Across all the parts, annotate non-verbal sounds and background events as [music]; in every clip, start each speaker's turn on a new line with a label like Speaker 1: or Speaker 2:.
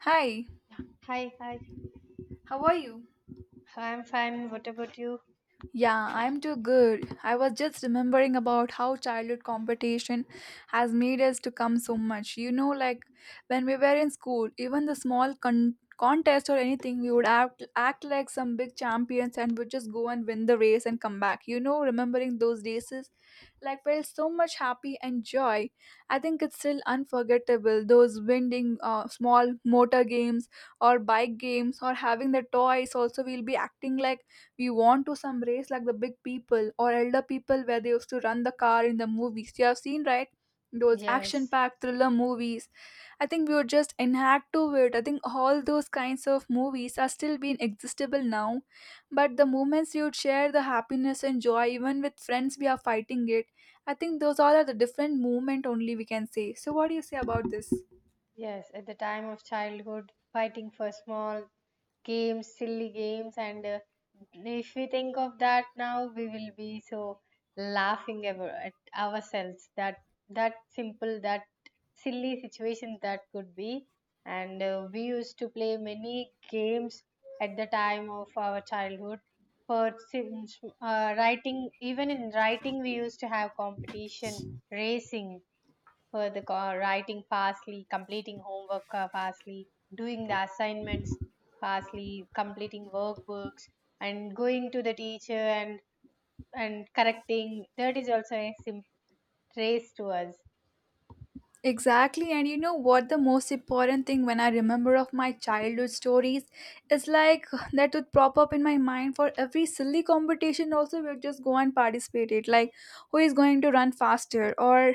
Speaker 1: Hi,
Speaker 2: Hi, hi.
Speaker 1: how are you?
Speaker 2: I'm fine. What about you?
Speaker 1: Yeah, I'm too good. I was just remembering about how childhood competition has made us to come so much. You know, like when we were in school, even the small contest or anything, we would act like some big champions and would just go and win the race and come back. You know, remembering those races, like felt so much happy and joy. I think it's still unforgettable. Those winning small motor games or bike games or having the toys. Also, we'll be acting like we want to some race like the big people or elder people where they used to run the car in the movies. You have seen, right? Those action
Speaker 2: Yes.
Speaker 1: packed thriller movies. I think we would just enact to it. I think all those kinds of movies are still being existable now. But the moments you would share the happiness and joy, even with friends, we are fighting it. I think those all are the different movement only we can say. So, what do you say about this?
Speaker 2: Yes, at the time of childhood, fighting for small games, silly games, and if we think of that now, we will be so laughing ever at ourselves. That simple, that silly situation that could be, and we used to play many games at the time of our childhood. For sim- Writing, even in writing, we used to have competition, racing for the writing fastly, completing homework fastly, doing the assignments fastly, completing workbooks, and going to the teacher and correcting. That is also a trace to us.
Speaker 1: Exactly, and you know what the most important thing when I remember of my childhood stories is like [sighs] that would pop up in my mind for every silly competition also we'll just go and participate it like who is going to run faster or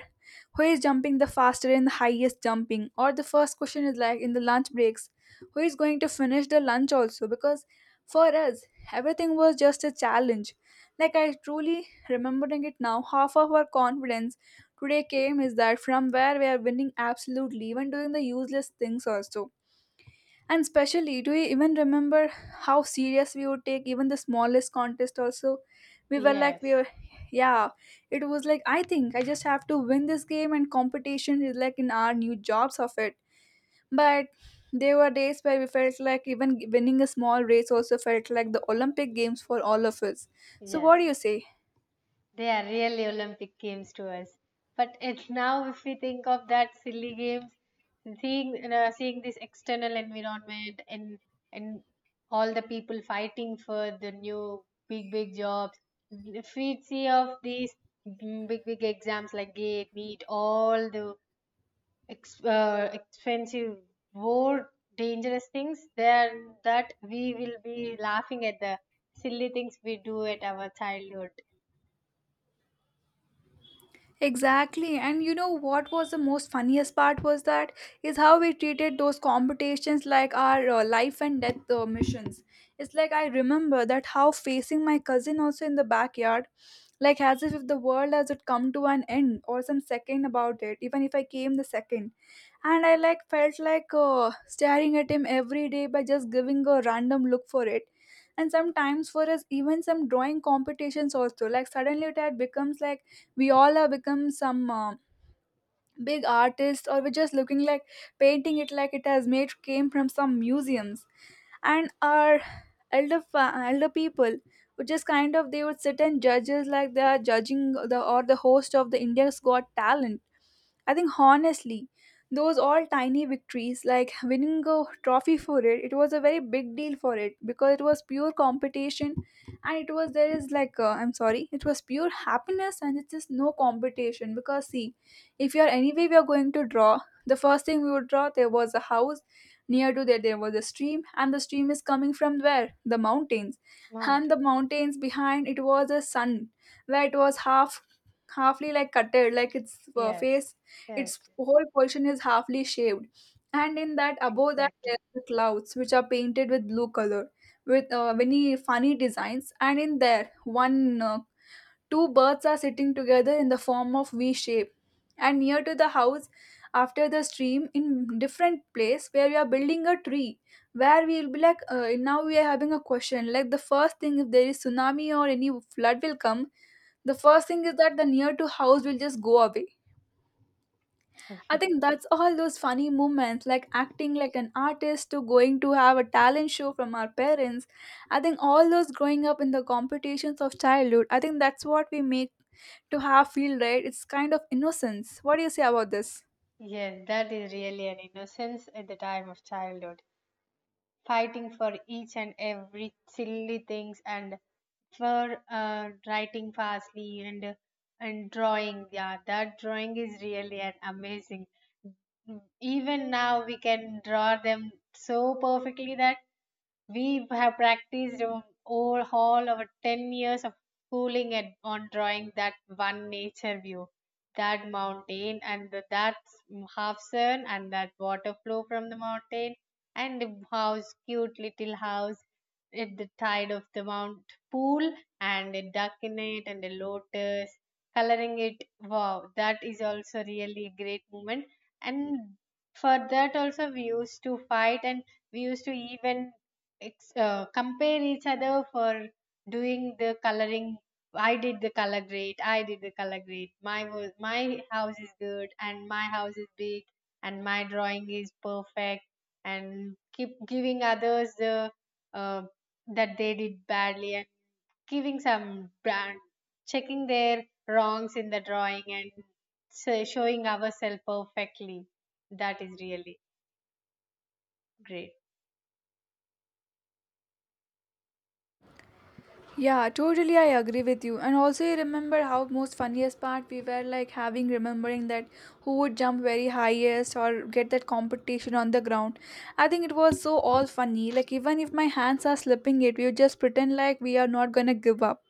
Speaker 1: who is jumping the faster and the highest jumping or the first question is like in the lunch breaks who is going to finish the lunch also because for us everything was just a challenge like I truly remembering it now half of our confidence today came is that from where we are winning absolutely even doing the useless things also. And especially, do you even remember how serious we would take even the smallest contest also? We were like, we
Speaker 2: Yes,
Speaker 1: were, yeah, it was like, I think I just have to win this game and competition is like in our new jobs of it. But there were days where we felt like even winning a small race also felt like the Olympic Games for all of us. So what do
Speaker 2: yes.
Speaker 1: you say?
Speaker 2: They are really Olympic games to us. But it's now if we think of that silly games, seeing seeing this external environment and all the people fighting for the new big big jobs. If we see of these big big exams like GATE, NEET, all the expensive, more dangerous things, then that we will be laughing at the silly things we do at our childhood.
Speaker 1: Exactly. And you know what was the most funniest part was that is how we treated those competitions like our life and death missions. It's like I remember that how facing my cousin also in the backyard, like as if the world has it come to an end or some second about it, even if I came the second. And I like felt like staring at him every day by just giving a random look for it. And sometimes for us, even some drawing competitions also, like suddenly it had becomes like we all have become some big artists or we're just looking like painting it like it has made came from some museums, and our elder people would just kind of they would sit and judge us like they are judging the or the host of the India's Got Talent. I think honestly, those all tiny victories, like winning a trophy for it, it was a very big deal for it because it was pure competition, and it was there is like I'm sorry, it was pure happiness, and it's just no competition because see, if you are anyway we are going to draw, the first thing we would draw there was a house, near to there there was a stream, and the stream is coming from where the mountains, and
Speaker 2: Mountain.
Speaker 1: the mountains behind it was a sun, where it was halfly like cutted like its face,
Speaker 2: Yes, yes,
Speaker 1: its whole portion is halfly shaved, and in that above that there
Speaker 2: exactly.
Speaker 1: are the clouds which are painted with blue color with many funny designs, and in there one two birds are sitting together in the form of V shape, and near to the house after the stream in different place where we are building a tree where we will be like now we are having a question like the first thing if there is tsunami or any flood will come, the first thing is that the near to house will just go away. I think that's all those funny moments, like acting like an artist to going to have a talent show from our parents. I think all those growing up in the competitions of childhood, I think that's what we make to have feel right. It's kind of innocence. What do you say about this?
Speaker 2: Yes, that is really an innocence at the time of childhood, fighting for each and every silly things and for writing fastly and drawing. Yeah, that drawing is really an amazing. Even now we can draw them so perfectly that we have practiced all our 10 years of schooling and on drawing that one nature view, that mountain and that half sun and that water flow from the mountain and the house, cute little house at the tide of the mount pool and a duck in it and a lotus, coloring it. Wow, that is also really a great moment. And for that also we used to fight and we used to even compare each other for doing the coloring. I did the color great I did the color great My house is good and my house is big and my drawing is perfect, and keep giving others the uh, that they did badly and giving some brand, checking their wrongs in the drawing, and so showing ourselves perfectly. That is really great.
Speaker 1: Yeah, totally. I agree with you. And also, you remember how most funniest part we were like having remembering that who would jump very highest or get that competition on the ground. I think it was so all funny. Like even if my hands are slipping, it we would just pretend like we are not gonna give up.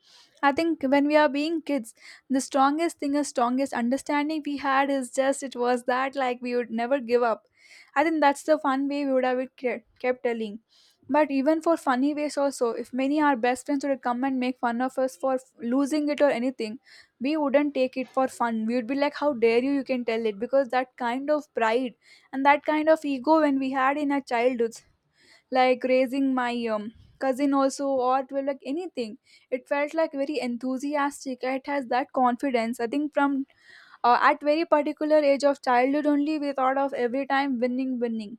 Speaker 1: I think when we are being kids, the strongest thing, the strongest understanding we had is just it was that like we would never give up. I think that's the fun way we would have it kept telling. But even for funny ways also, if many our best friends would come and make fun of us for losing it or anything, we wouldn't take it for fun. We would be like, how dare you, you can tell it. Because that kind of pride and that kind of ego when we had in our childhoods, like raising my cousin also or it was like anything, it felt like very enthusiastic. It has that confidence. I think from at very particular age of childhood only we thought of every time winning, winning.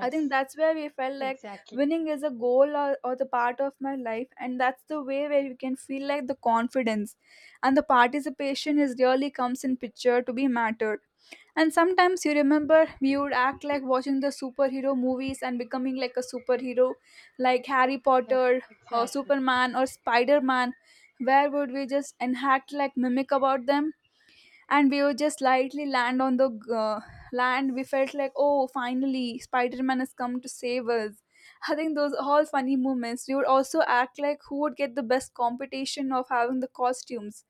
Speaker 1: I think that's where we felt like
Speaker 2: Exactly.
Speaker 1: winning is a goal or the part of my life, and that's the way where you can feel like the confidence and the participation is really comes in picture to be mattered. And sometimes you remember we would act like watching the superhero movies and becoming like a superhero, like Harry
Speaker 2: Yes,
Speaker 1: Potter or
Speaker 2: exactly.
Speaker 1: Superman or Spider Man. Where would we just enact like mimic about them? And we would just lightly land on the uh, land, we felt like, oh, finally Spider-Man has come to save us. I think those are all funny moments. We would also act like who would get the best competition of having the costumes.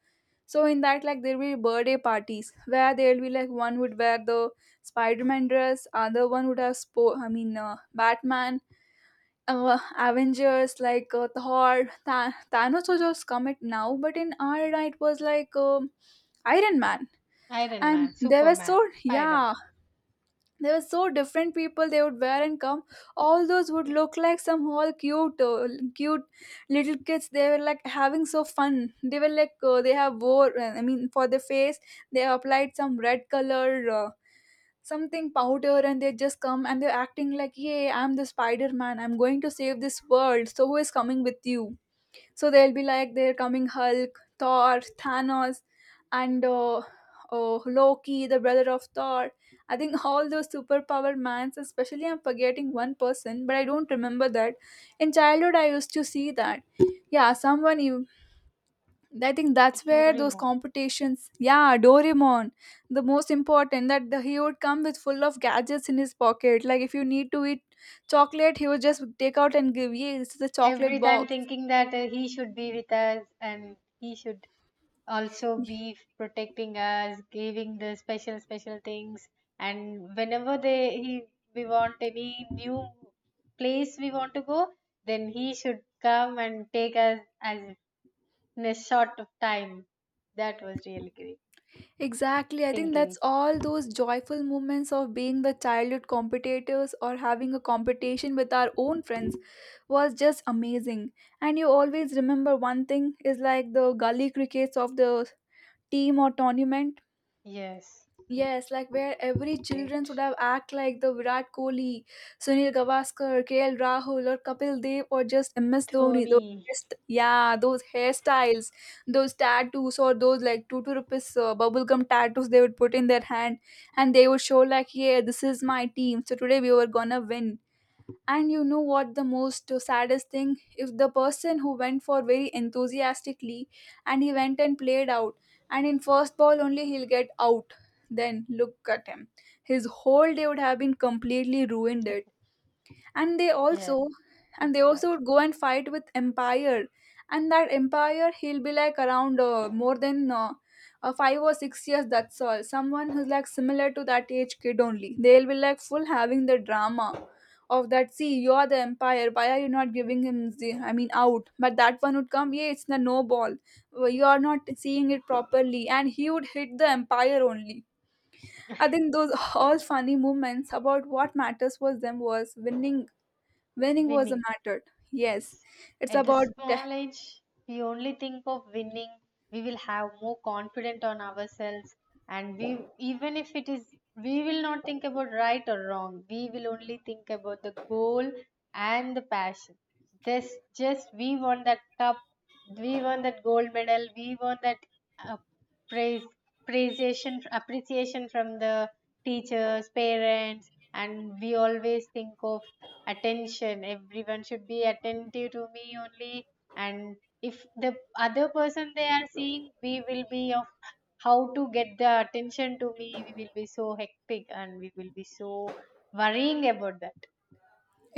Speaker 1: So in that, like, there will be birthday parties where there will be like one would wear the Spider-Man dress, other one would have Batman, Avengers, like Thor, Thanos was just come it now, but in our era it was like Iron Man,
Speaker 2: Iron
Speaker 1: and
Speaker 2: Man,
Speaker 1: they were
Speaker 2: Superman,
Speaker 1: so,
Speaker 2: Spider
Speaker 1: yeah,
Speaker 2: Man,
Speaker 1: they were so different people they would wear and come. All those would look like some all cute cute little kids. They were like having so fun. They were like they have wore, for the face they applied some red color something powder, and they just come and they're acting like, yay, I'm the Spider-Man, I'm going to save this world, so who is coming with you? So they'll be like they're coming Hulk, Thor, Thanos, and oh, Loki, the brother of Thor. I think all those superpower mans, especially I'm forgetting one person, but I don't remember that. In childhood, I used to see that. Yeah, someone you. I think that's where those
Speaker 2: Doraemon.
Speaker 1: competitions. Yeah, Doraemon, the most important that the, he would come with full of gadgets in his pocket. Like if you need to eat chocolate, he would just take out and give you. This is a chocolate
Speaker 2: Every time
Speaker 1: box.
Speaker 2: thinking that he should be with us and he should also be protecting us, giving the special special things. And whenever they he we want any new place we want to go, then he should come and take us as in a short of time. That was really great
Speaker 1: Exactly. I think that's
Speaker 2: thinking.
Speaker 1: all those joyful moments of being the childhood competitors or having a competition with our own friends was just amazing. And you always remember one thing is like the gully crickets of the team or tournament.
Speaker 2: Yes,
Speaker 1: Yes, like where every children would
Speaker 2: great.
Speaker 1: have act like the Virat Kohli, Sunil Gavaskar, KL Rahul, or Kapil Dev, or just MS Dhoni. Those
Speaker 2: Tony.
Speaker 1: yeah, those hairstyles, those tattoos, or those like two rupees bubblegum tattoos they would put in their hand, and they would show like, yeah, this is my team. So today we were gonna win. And you know what the most saddest thing? If the person who went for very enthusiastically and he went and played out, and in first ball only he'll get out, then look at him. His whole day would have been completely ruined. It and they
Speaker 2: Yes.
Speaker 1: also and they also
Speaker 2: Exactly.
Speaker 1: would go and fight with empire, and that empire, he'll be like around more than 5 or 6 years. That's all. Someone who's like similar to that age kid only, they'll be like full having the drama of that. See, you're the empire, why are you not giving him the, I mean, out? But that one would come, yeah, it's the no ball. Well, you are not seeing it properly, and he would hit the empire only. I think those all funny moments, about what matters for them was winning. Winning was a
Speaker 2: Winning.
Speaker 1: matter. Yes,
Speaker 2: Yes.
Speaker 1: it's
Speaker 2: At the
Speaker 1: about
Speaker 2: small age, we only think of winning. We will have more confidence on ourselves, and we, even if it is, we will not think about right or wrong. We will only think about the goal and the passion. This just we want that cup. We want that gold medal. We want that uh, praise, appreciation from the teachers, parents, and we always think of attention. Everyone should be attentive to me only, and if the other person they are seeing, we will be of how to get the attention to me, we will be so hectic and we will be so worrying about that.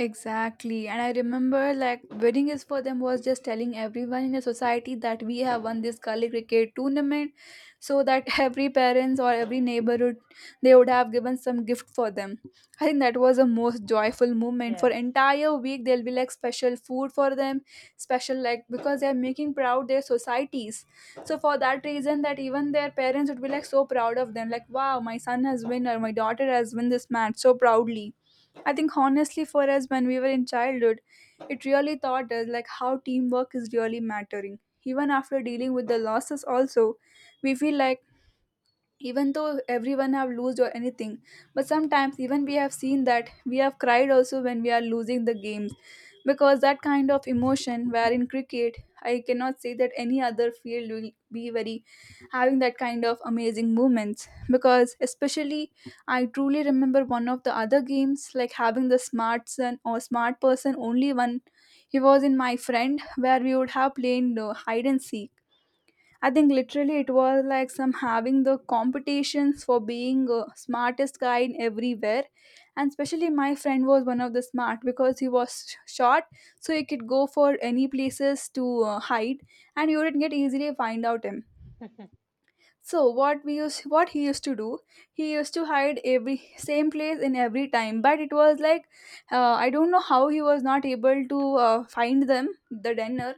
Speaker 1: exactly. And I remember like wedding is for them was just telling everyone in the society that we have won this Kali cricket tournament, so that [laughs] every parents or every neighborhood, they would have given some gift for them. I think that was a most joyful moment. For
Speaker 2: Yes,
Speaker 1: entire week, there'll be like special food for them, special, like because they're making proud their societies. So for that reason, that even their parents would be like so proud of them, like wow, my son has won or my daughter has won this match so proudly. I think honestly for us, when we were in childhood, it really taught us like how teamwork is really mattering. Even after dealing with the losses also, we feel like even though everyone have lost or anything, but sometimes even we have seen that we have cried also when we are losing the games, because that kind of emotion where in cricket I cannot say that any other field will be very having that kind of amazing moments. Because especially, I truly remember one of the other games, like having the smart son or smart person only one. He was in my friend where we would have played hide and seek. I think literally it was like some having the competitions for being smartest guy in everywhere, and especially my friend was one of the smart because he was short, so he could go for any places to hide, and you would get easily find out him.
Speaker 2: exactly.
Speaker 1: So what we used, what he used to do, he used to hide every same place in every time. But it was like, I don't know how he was not able to find them the dinner,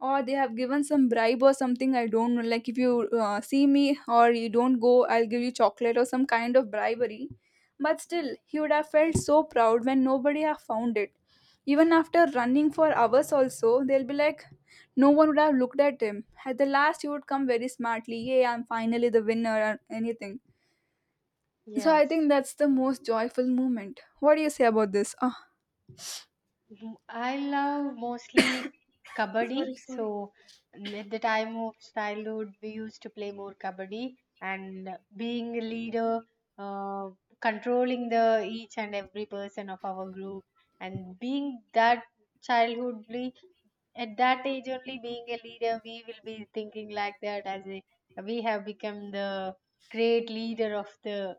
Speaker 1: or they have given some bribe or something. I don't know, like if you see me or you don't go, I'll give you chocolate or some kind of bribery. But still he would have felt so proud when nobody have found it. Even after running for hours also, they'll be like no one would have looked at him. At the last, he would come very smartly, yay, I'm finally the winner or anything.
Speaker 2: [laughs]
Speaker 1: So I
Speaker 2: Yes.
Speaker 1: think that's the most joyful moment. What do you say about this? Ah.
Speaker 2: I love mostly kabaddi. So at the time of childhood, we used to play more kabaddi, and being a leader, uh, controlling the each and every person of our group, and being that childhood we at that age only being a leader we will be thinking like that as a, we have become the great leader of the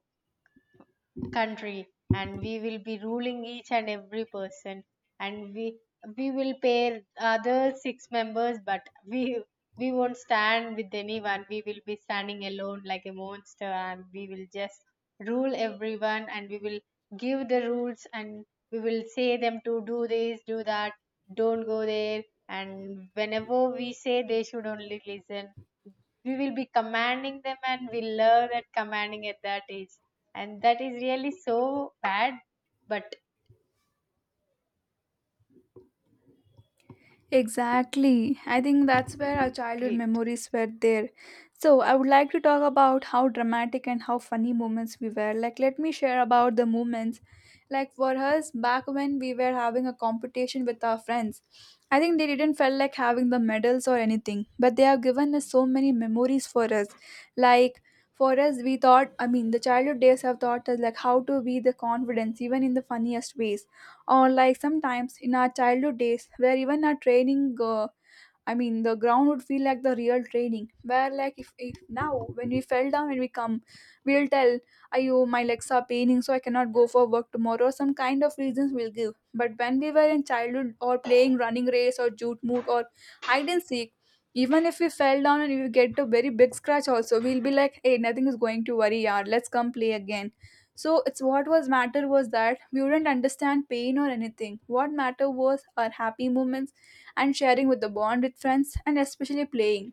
Speaker 2: country, and we will be ruling each and every person, and we will pair other six members, but we we won't stand with anyone, we will be standing alone like a monster, and we will just rule everyone, and we will give the rules, and we will say them to do this, do that, don't go there, and whenever we say they should only listen, we will be commanding them, and we learn at commanding at that age, and that is really so bad, but
Speaker 1: Exactly. I think that's where our childhood
Speaker 2: great.
Speaker 1: memories were there. So I would like to talk about how dramatic and how funny moments we were. Like, let me share about the moments. Like, for us, back when we were having a competition with our friends, I think they didn't feel like having the medals or anything, but they have given us so many memories for us. Like, for us, we thought, I mean, the childhood days have taught us like how to be the confidence, even in the funniest ways, or like sometimes in our childhood days where even our training, I mean, the ground would feel like the real training. Where, like, if now when we fell down and we come, we'll tell, "Ayo, my legs are paining, so I cannot go for work tomorrow." Some kind of reasons we'll give. But when we were in childhood or playing running race or jute moot or hide and seek, even if we fell down and we get a very big scratch, also we'll be like, "Hey, nothing is going to worry, yaar. Let's come play again." So it's what was matter was that we wouldn't understand pain or anything. What matter was our happy moments and sharing with the bond with friends and especially playing.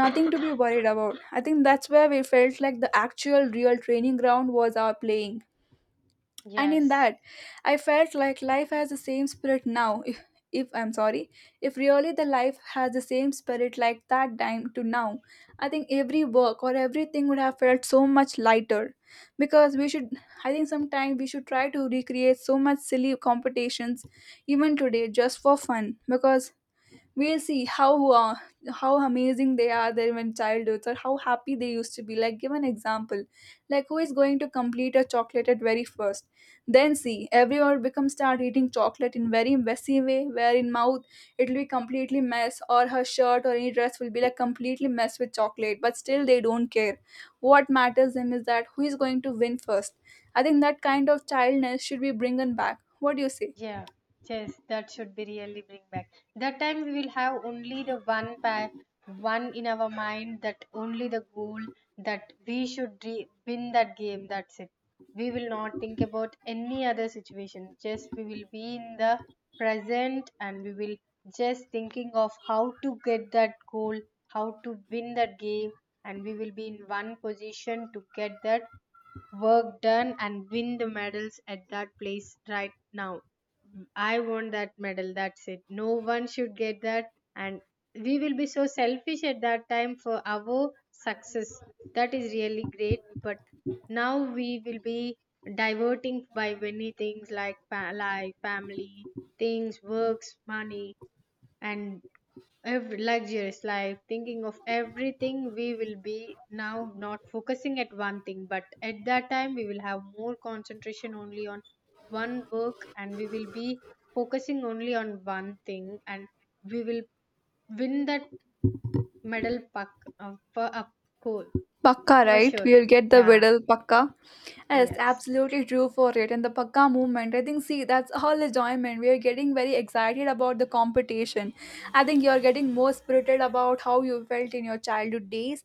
Speaker 1: Nothing to be worried about. I think that's where we felt like the actual real training ground was our playing. And in
Speaker 2: Yes.
Speaker 1: that, I felt like life has the same spirit now. If I'm sorry, if really the life has the same spirit like that time to now, I think every work or everything would have felt so much lighter, because we should, I think sometimes we should try to recreate so much silly competitions even today just for fun, because we'll see uh, how amazing they are there when childhoods or how happy they used to be. Like give an example, like who is going to complete a chocolate at very first. Then see, everyone becomes start eating chocolate in very messy way, where in mouth it'll be completely mess, or her shirt or any dress will be like completely messed with chocolate, but still they don't care. What matters them is that who is going to win first. I think that kind of childness should be bringing back. What do you say?
Speaker 2: Yeah, yes, that should be really bring back. That time we will have only the one pair, one in our mind, that only the goal, that we should win that game. That's it. We will not think about any other situation. Just we will be in the present and we will just thinking of how to get that goal, how to win that game, and we will be in one position to get that work done and win the medals at that place right now. I want that medal. That's it. No one should get that. And we will be so selfish at that time for our success. That is really great. But now we will be diverting by many things, like, like family, things, works, money, and every luxurious life, thinking of everything. We will be now not focusing at one thing, but at that time we will have more concentration only on one work, and we will be focusing only on one thing, and we will win that medal puck for a goal
Speaker 1: Pakka,
Speaker 2: for
Speaker 1: right?
Speaker 2: sure.
Speaker 1: We'll get the
Speaker 2: Yeah.
Speaker 1: medal, pakka. Yes,
Speaker 2: Yes,
Speaker 1: absolutely true for it. And the pakka movement, I think, see, that's all enjoyment. We are getting very excited about the competition. I think you're getting more spirited about how you felt in your childhood days.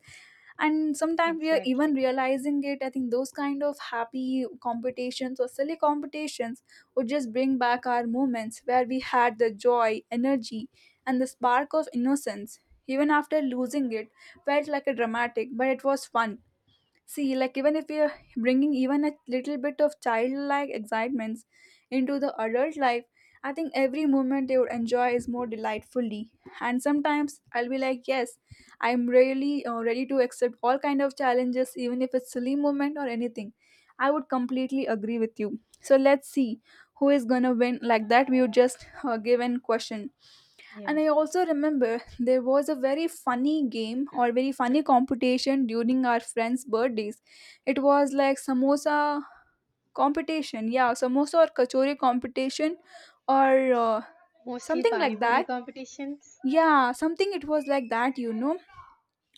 Speaker 1: And sometimes we are even
Speaker 2: exactly.
Speaker 1: realizing it. I think those kind of happy competitions or silly competitions would just bring back our moments where we had the joy, energy, and the spark of innocence. Even after losing it, felt like a dramatic, but it was fun. See, like even if we are bringing even a little bit of childlike excitements into the adult life, I think every moment they would enjoy is more delightfully. And sometimes I'll be like, yes, I'm really ready to accept all kind of challenges, even if it's silly moment or anything. I would completely agree with you. So let's see who is gonna win. Like that, we would just give an question. And I
Speaker 2: Yes,
Speaker 1: also remember there was a very funny game or very funny competition during our friends' birthdays. It was like samosa competition, yeah, samosa or kachori competition or
Speaker 2: mostly
Speaker 1: something
Speaker 2: pani
Speaker 1: like
Speaker 2: puri
Speaker 1: that.
Speaker 2: competitions.
Speaker 1: Yeah, something it was like that, you know.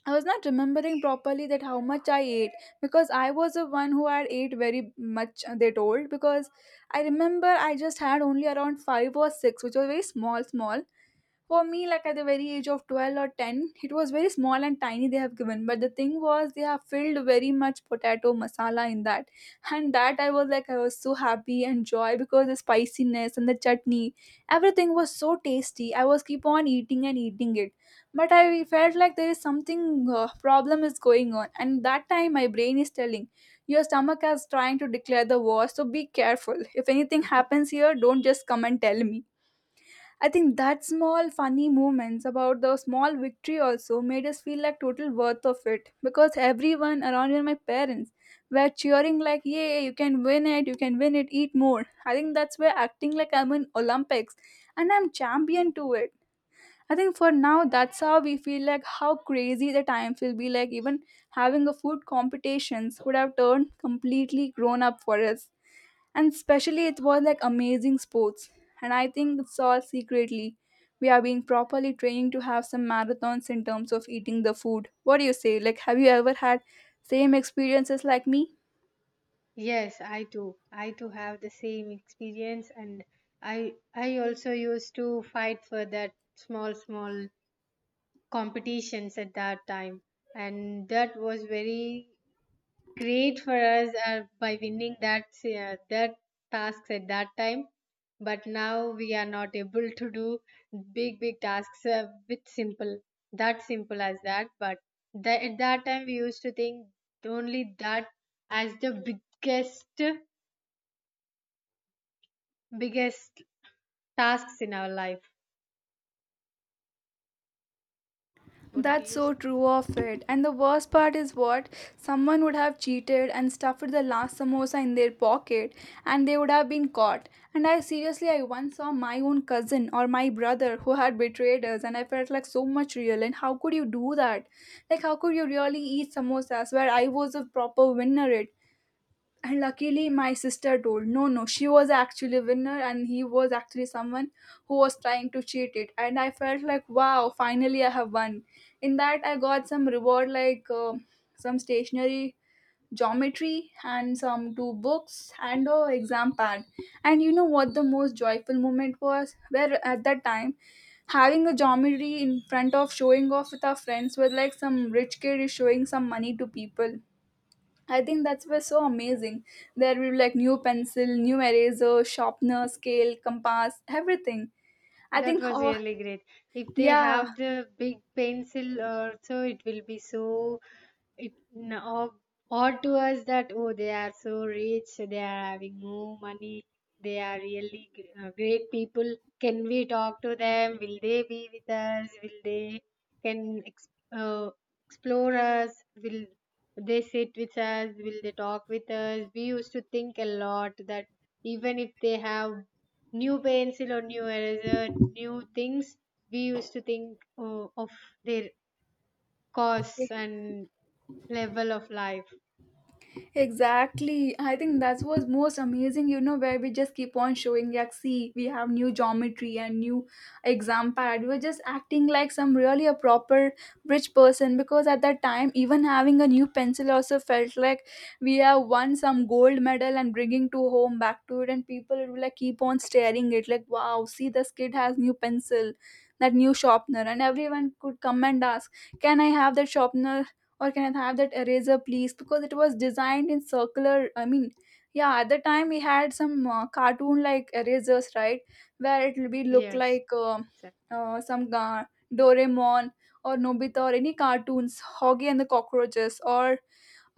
Speaker 1: I was not remembering properly that how much I ate, because I was the one who had ate very much, they told, because I remember I just had only around five or six, which was very small, small for me. Like at the very age of 12 or 10, it was very small and tiny they have given. But the thing was, they have filled very much potato masala in that. And that I was like, I was so happy and joy because the spiciness and the chutney, everything was so tasty. I was keep on eating and eating it. But I felt like there is something problem is going on. And that time, my brain is telling, your stomach is trying to declare the war, so be careful. If anything
Speaker 2: [laughs]
Speaker 1: happens here, don't just come and tell me. I think that small funny moments about the small victory also made us feel like total worth of it, because everyone around, even my parents were cheering like yay, you can win it, you can win it, eat more. I think that's where acting like I'm in Olympics and I'm champion to it. I think for now, that's how we feel like how crazy the times will be. Like even having a food competitions would have turned completely grown up for us, and especially it was like amazing sports. And I think it's all secretly we are being properly trained to have some marathons in terms of eating the food. What do you say? Like have you ever had same experiences like me?
Speaker 2: Yes, I too have the same experience, and I also used to fight for that small, small competitions at that time, and that was very great for us by winning that tasks at that time. But now we are not able to do big big tasks with simple, that simple as that. But at that time we used to think only that as the biggest biggest tasks in our life. What do
Speaker 1: That's
Speaker 2: you—
Speaker 1: so true of it. And the worst part is what? Someone would have cheated and stuffed the last samosa in their pocket, and they would have been caught. And I seriously, I once saw my own cousin or my brother who had betrayed us, and I felt like so much real. And how could you do that? Like, how could you really eat samosas where I was a proper winner? It, and luckily my sister told, no no, she was actually a winner and he was actually someone who was trying to cheat it. And I felt like wow, finally I have won. In that, I got some reward like some stationery, geometry, and some two books and a exam pad. And you know what the most joyful moment was, where at that time having a geometry in front of showing off with our friends were like some rich kid is showing some money to people. I think that's was so amazing. There will be like new pencil, new eraser, sharpener, scale, compass, everything. I
Speaker 2: That
Speaker 1: think
Speaker 2: was
Speaker 1: oh
Speaker 2: really great. If they
Speaker 1: yeah.
Speaker 2: have the big pencil also, it will be so, it n- odd odd to us, that oh, they are so rich, they are having more money, they are really great people. Can we talk to them? Will they be with us? Will they can ex- uh, explore us? Will they sit with us? Will they talk with us? We used to think a lot that even if they have new pencil or new eraser, new things, we used to think, oh, of their costs and level of life.
Speaker 1: Exactly. I think that was most amazing, you know, where we just keep on showing, like, see, we have new geometry and new exam pad. We're just acting like some really a proper rich person because at that time, even having a new pencil also felt like we have won some gold medal and bringing to home back to it. And people will like keep on staring it, like, wow, see, this kid has new pencil, that new sharpener. And everyone could come and ask, can I have that sharpener? Or can I have that eraser, please? Because it was designed in circular. I mean, yeah, at the time we had some cartoon like erasers, right? Where it will be look
Speaker 2: Yes,
Speaker 1: like
Speaker 2: exactly.
Speaker 1: some Doraemon or Nobita or any cartoons, Hoggy and the Cockroaches or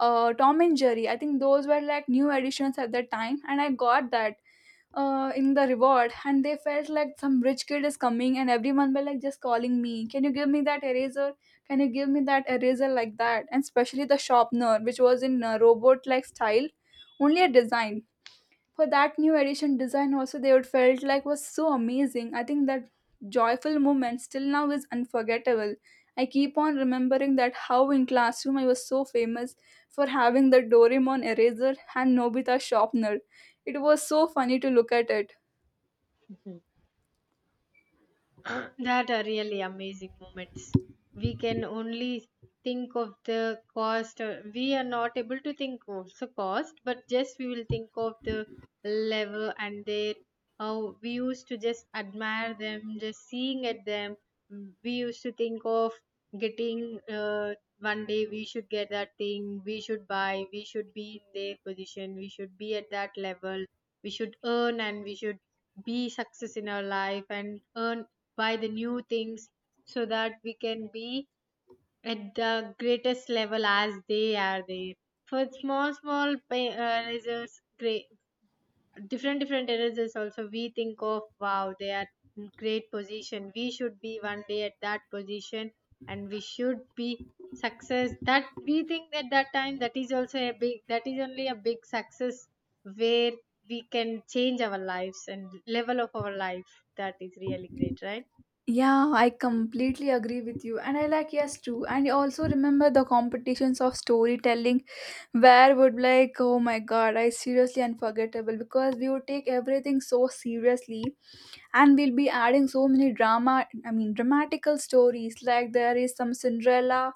Speaker 1: Tom and Jerry. I think those were like new editions at that time, and I got that in the reward and they felt like some rich kid is coming and everyone were like just calling me, can you give me that eraser, can you give me that eraser, like that. And especially the sharpener, which was in robot like style, only a design for that new edition design, also they would felt like was so amazing. I think that joyful moment still now is unforgettable. I keep on remembering that how in classroom I was so famous for having the Doraemon eraser and Nobita sharpener. It was so funny to look at it.
Speaker 2: That are really amazing moments. We can only think of the cost. We are not able to think of the cost, but just we will think of the level and their how we used to just admire them, just seeing at them. We used to think of getting uh, one day we should get that thing, we should buy, we should be in their position, we should be at that level, we should earn and we should be success in our life and earn by the new things, so that we can be at the greatest level as they are there. For small, small erasers, great, different, different erasers also, we think of, wow, they are in great position. We should be one day at that position, and we should be success, that we think at that time, that is also a big, that is only a big success, where we can change our lives and level of our life. That is really great, right?
Speaker 1: Yeah, I completely agree with you. And I like yes too. And I also remember the competitions of storytelling where would like, oh my god, I seriously unforgettable because we would take everything so seriously, and we'll be adding so many drama, I mean, dramatical stories, like there is some Cinderella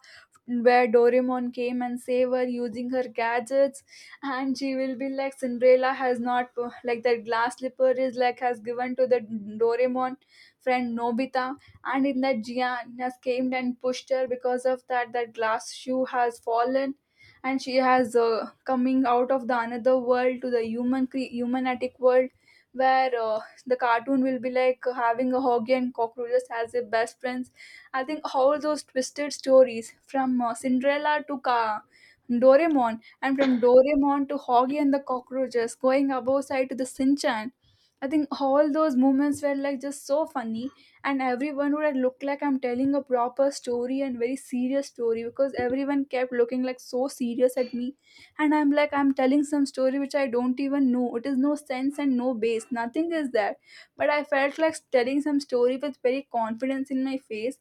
Speaker 1: where Doraemon came and save her using her gadgets, and she will be like Cinderella has not, like that glass slipper is like has given to the Doraemon friend Nobita, and in that Gian has came and pushed her because of that glass shoe has fallen, and she has coming out of the another world to the human humanatic world. Where the cartoon will be like having a hoggy and cockroaches as their best friends. I think all those twisted stories from Cinderella to Doraemon, and from Doraemon to Hoggy and the Cockroaches, going above side to the Sinchan. I think all those moments were like just so funny, and everyone would have looked like I'm telling a proper story and very serious story, because everyone kept looking like so serious at me, and I'm like I'm telling some story which I don't even know. It is no sense and no base. Nothing is there, but I felt like telling some story with very confidence in my face.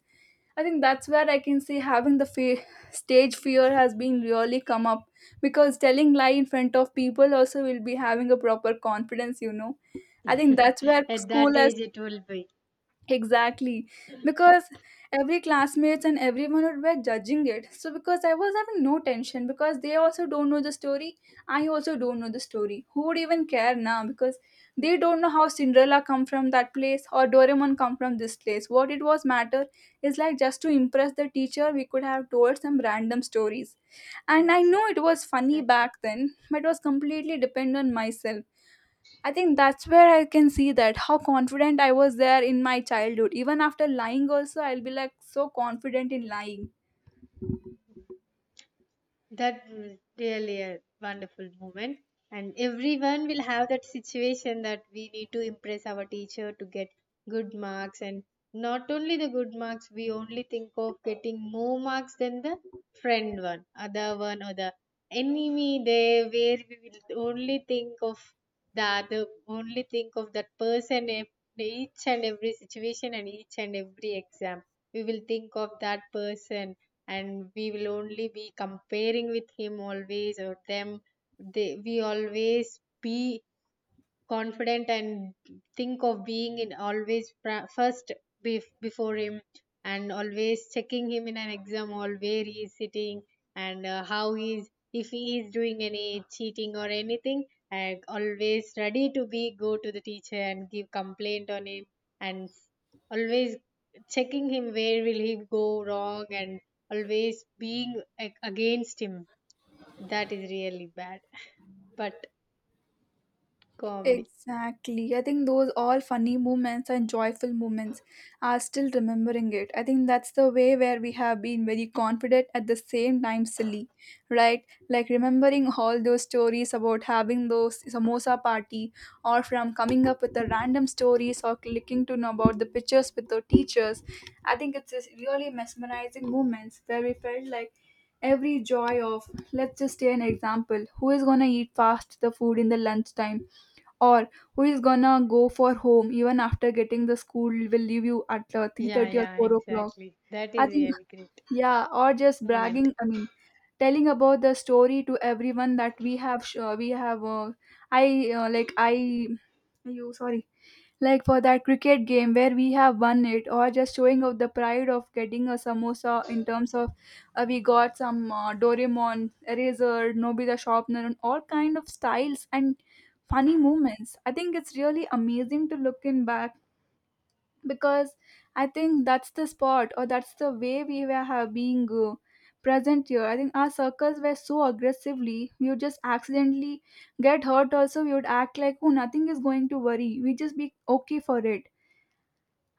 Speaker 1: I think that's where I can say having the stage fear has been really come up, because telling lie in front of people also will be having a proper confidence, you know. I think that's where
Speaker 2: [laughs] At
Speaker 1: school
Speaker 2: that
Speaker 1: has.
Speaker 2: age, it will be.
Speaker 1: Exactly, because every classmates and everyone were judging it. So because I was having no tension, because they also don't know the story, I also don't know the story. Who would even care now? Because they don't know how Cinderella come from that place or Doraemon come from this place. What it was matter is like just to impress the teacher, we could have told some random stories. And I
Speaker 2: Yes,
Speaker 1: know it was funny
Speaker 2: exactly.
Speaker 1: back then, but it was completely dependent on myself. I think that's where I can see that how confident I was there in my childhood. Even after lying, also, I'll be like so confident in lying.
Speaker 2: That was really a wonderful moment. And everyone will have that situation, that we need to impress our teacher to get good marks. And not only the good marks, we only think of getting more marks than the friend one, other one, or the enemy there, where we will only think of. That the other only think of that person, each and every situation and each and every exam we will think of that person, and we will only be comparing with him always, or them. They we always be confident and think of being in always first, before him, and always checking him in an exam hall where he is sitting, and how he is, if he is doing any cheating or anything, and always ready to be go to the teacher and give complaint on him, and always checking him where will he go wrong, and always being, like, against him. That is really bad, but comedy.
Speaker 1: Exactly. I think those all funny moments and joyful moments are still remembering it. I think that's the way where we have been very confident at the same time silly, right? Like remembering all those stories about having those samosa party, or from coming up with the random stories, or clicking to know about the pictures with the teachers. I think it's just really mesmerizing moments where we felt like every joy of, let's just take an example, who is going to eat fast the food in the lunchtime, or who is gonna go for home even after getting the school will leave you at
Speaker 2: Yeah,
Speaker 1: 3:30 or
Speaker 2: yeah,
Speaker 1: 4 o'clock.
Speaker 2: exactly. That
Speaker 1: I
Speaker 2: is
Speaker 1: think,
Speaker 2: really great
Speaker 1: yeah, or just
Speaker 2: moment.
Speaker 1: bragging, I mean, telling about the story to everyone that we have I like I you sorry like for that cricket game where we have won it, or just showing of the pride of getting a samosa in terms of we got some Doraemon eraser, Nobita sharpener, and all kind of styles and funny moments. I think it's really amazing to look in back, because I think that's the spot or that's the way we were have being present here. I think our circles were so aggressively, we would just accidentally get hurt also, we would act like, oh, nothing is going to worry, we just be okay for it.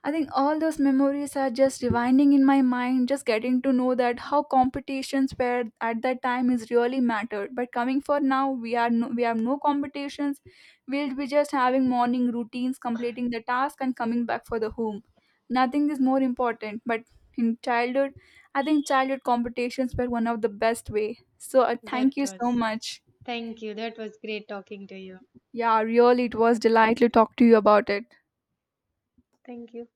Speaker 1: I think all those memories are just rewinding in my mind, just getting to know that how competitions were at that time is really mattered. But coming for now, we are no, we have no competitions. We'll be just having morning routines, completing the task, and coming back for the home. Nothing is more important. But in childhood, I think childhood competitions were one of the best way. So
Speaker 2: That
Speaker 1: thank you so
Speaker 2: was.
Speaker 1: much.
Speaker 2: Thank you. That was great talking to you
Speaker 1: Yeah, really, it was
Speaker 2: about
Speaker 1: delightful to
Speaker 2: that.
Speaker 1: talk to you about it.
Speaker 2: Thank you.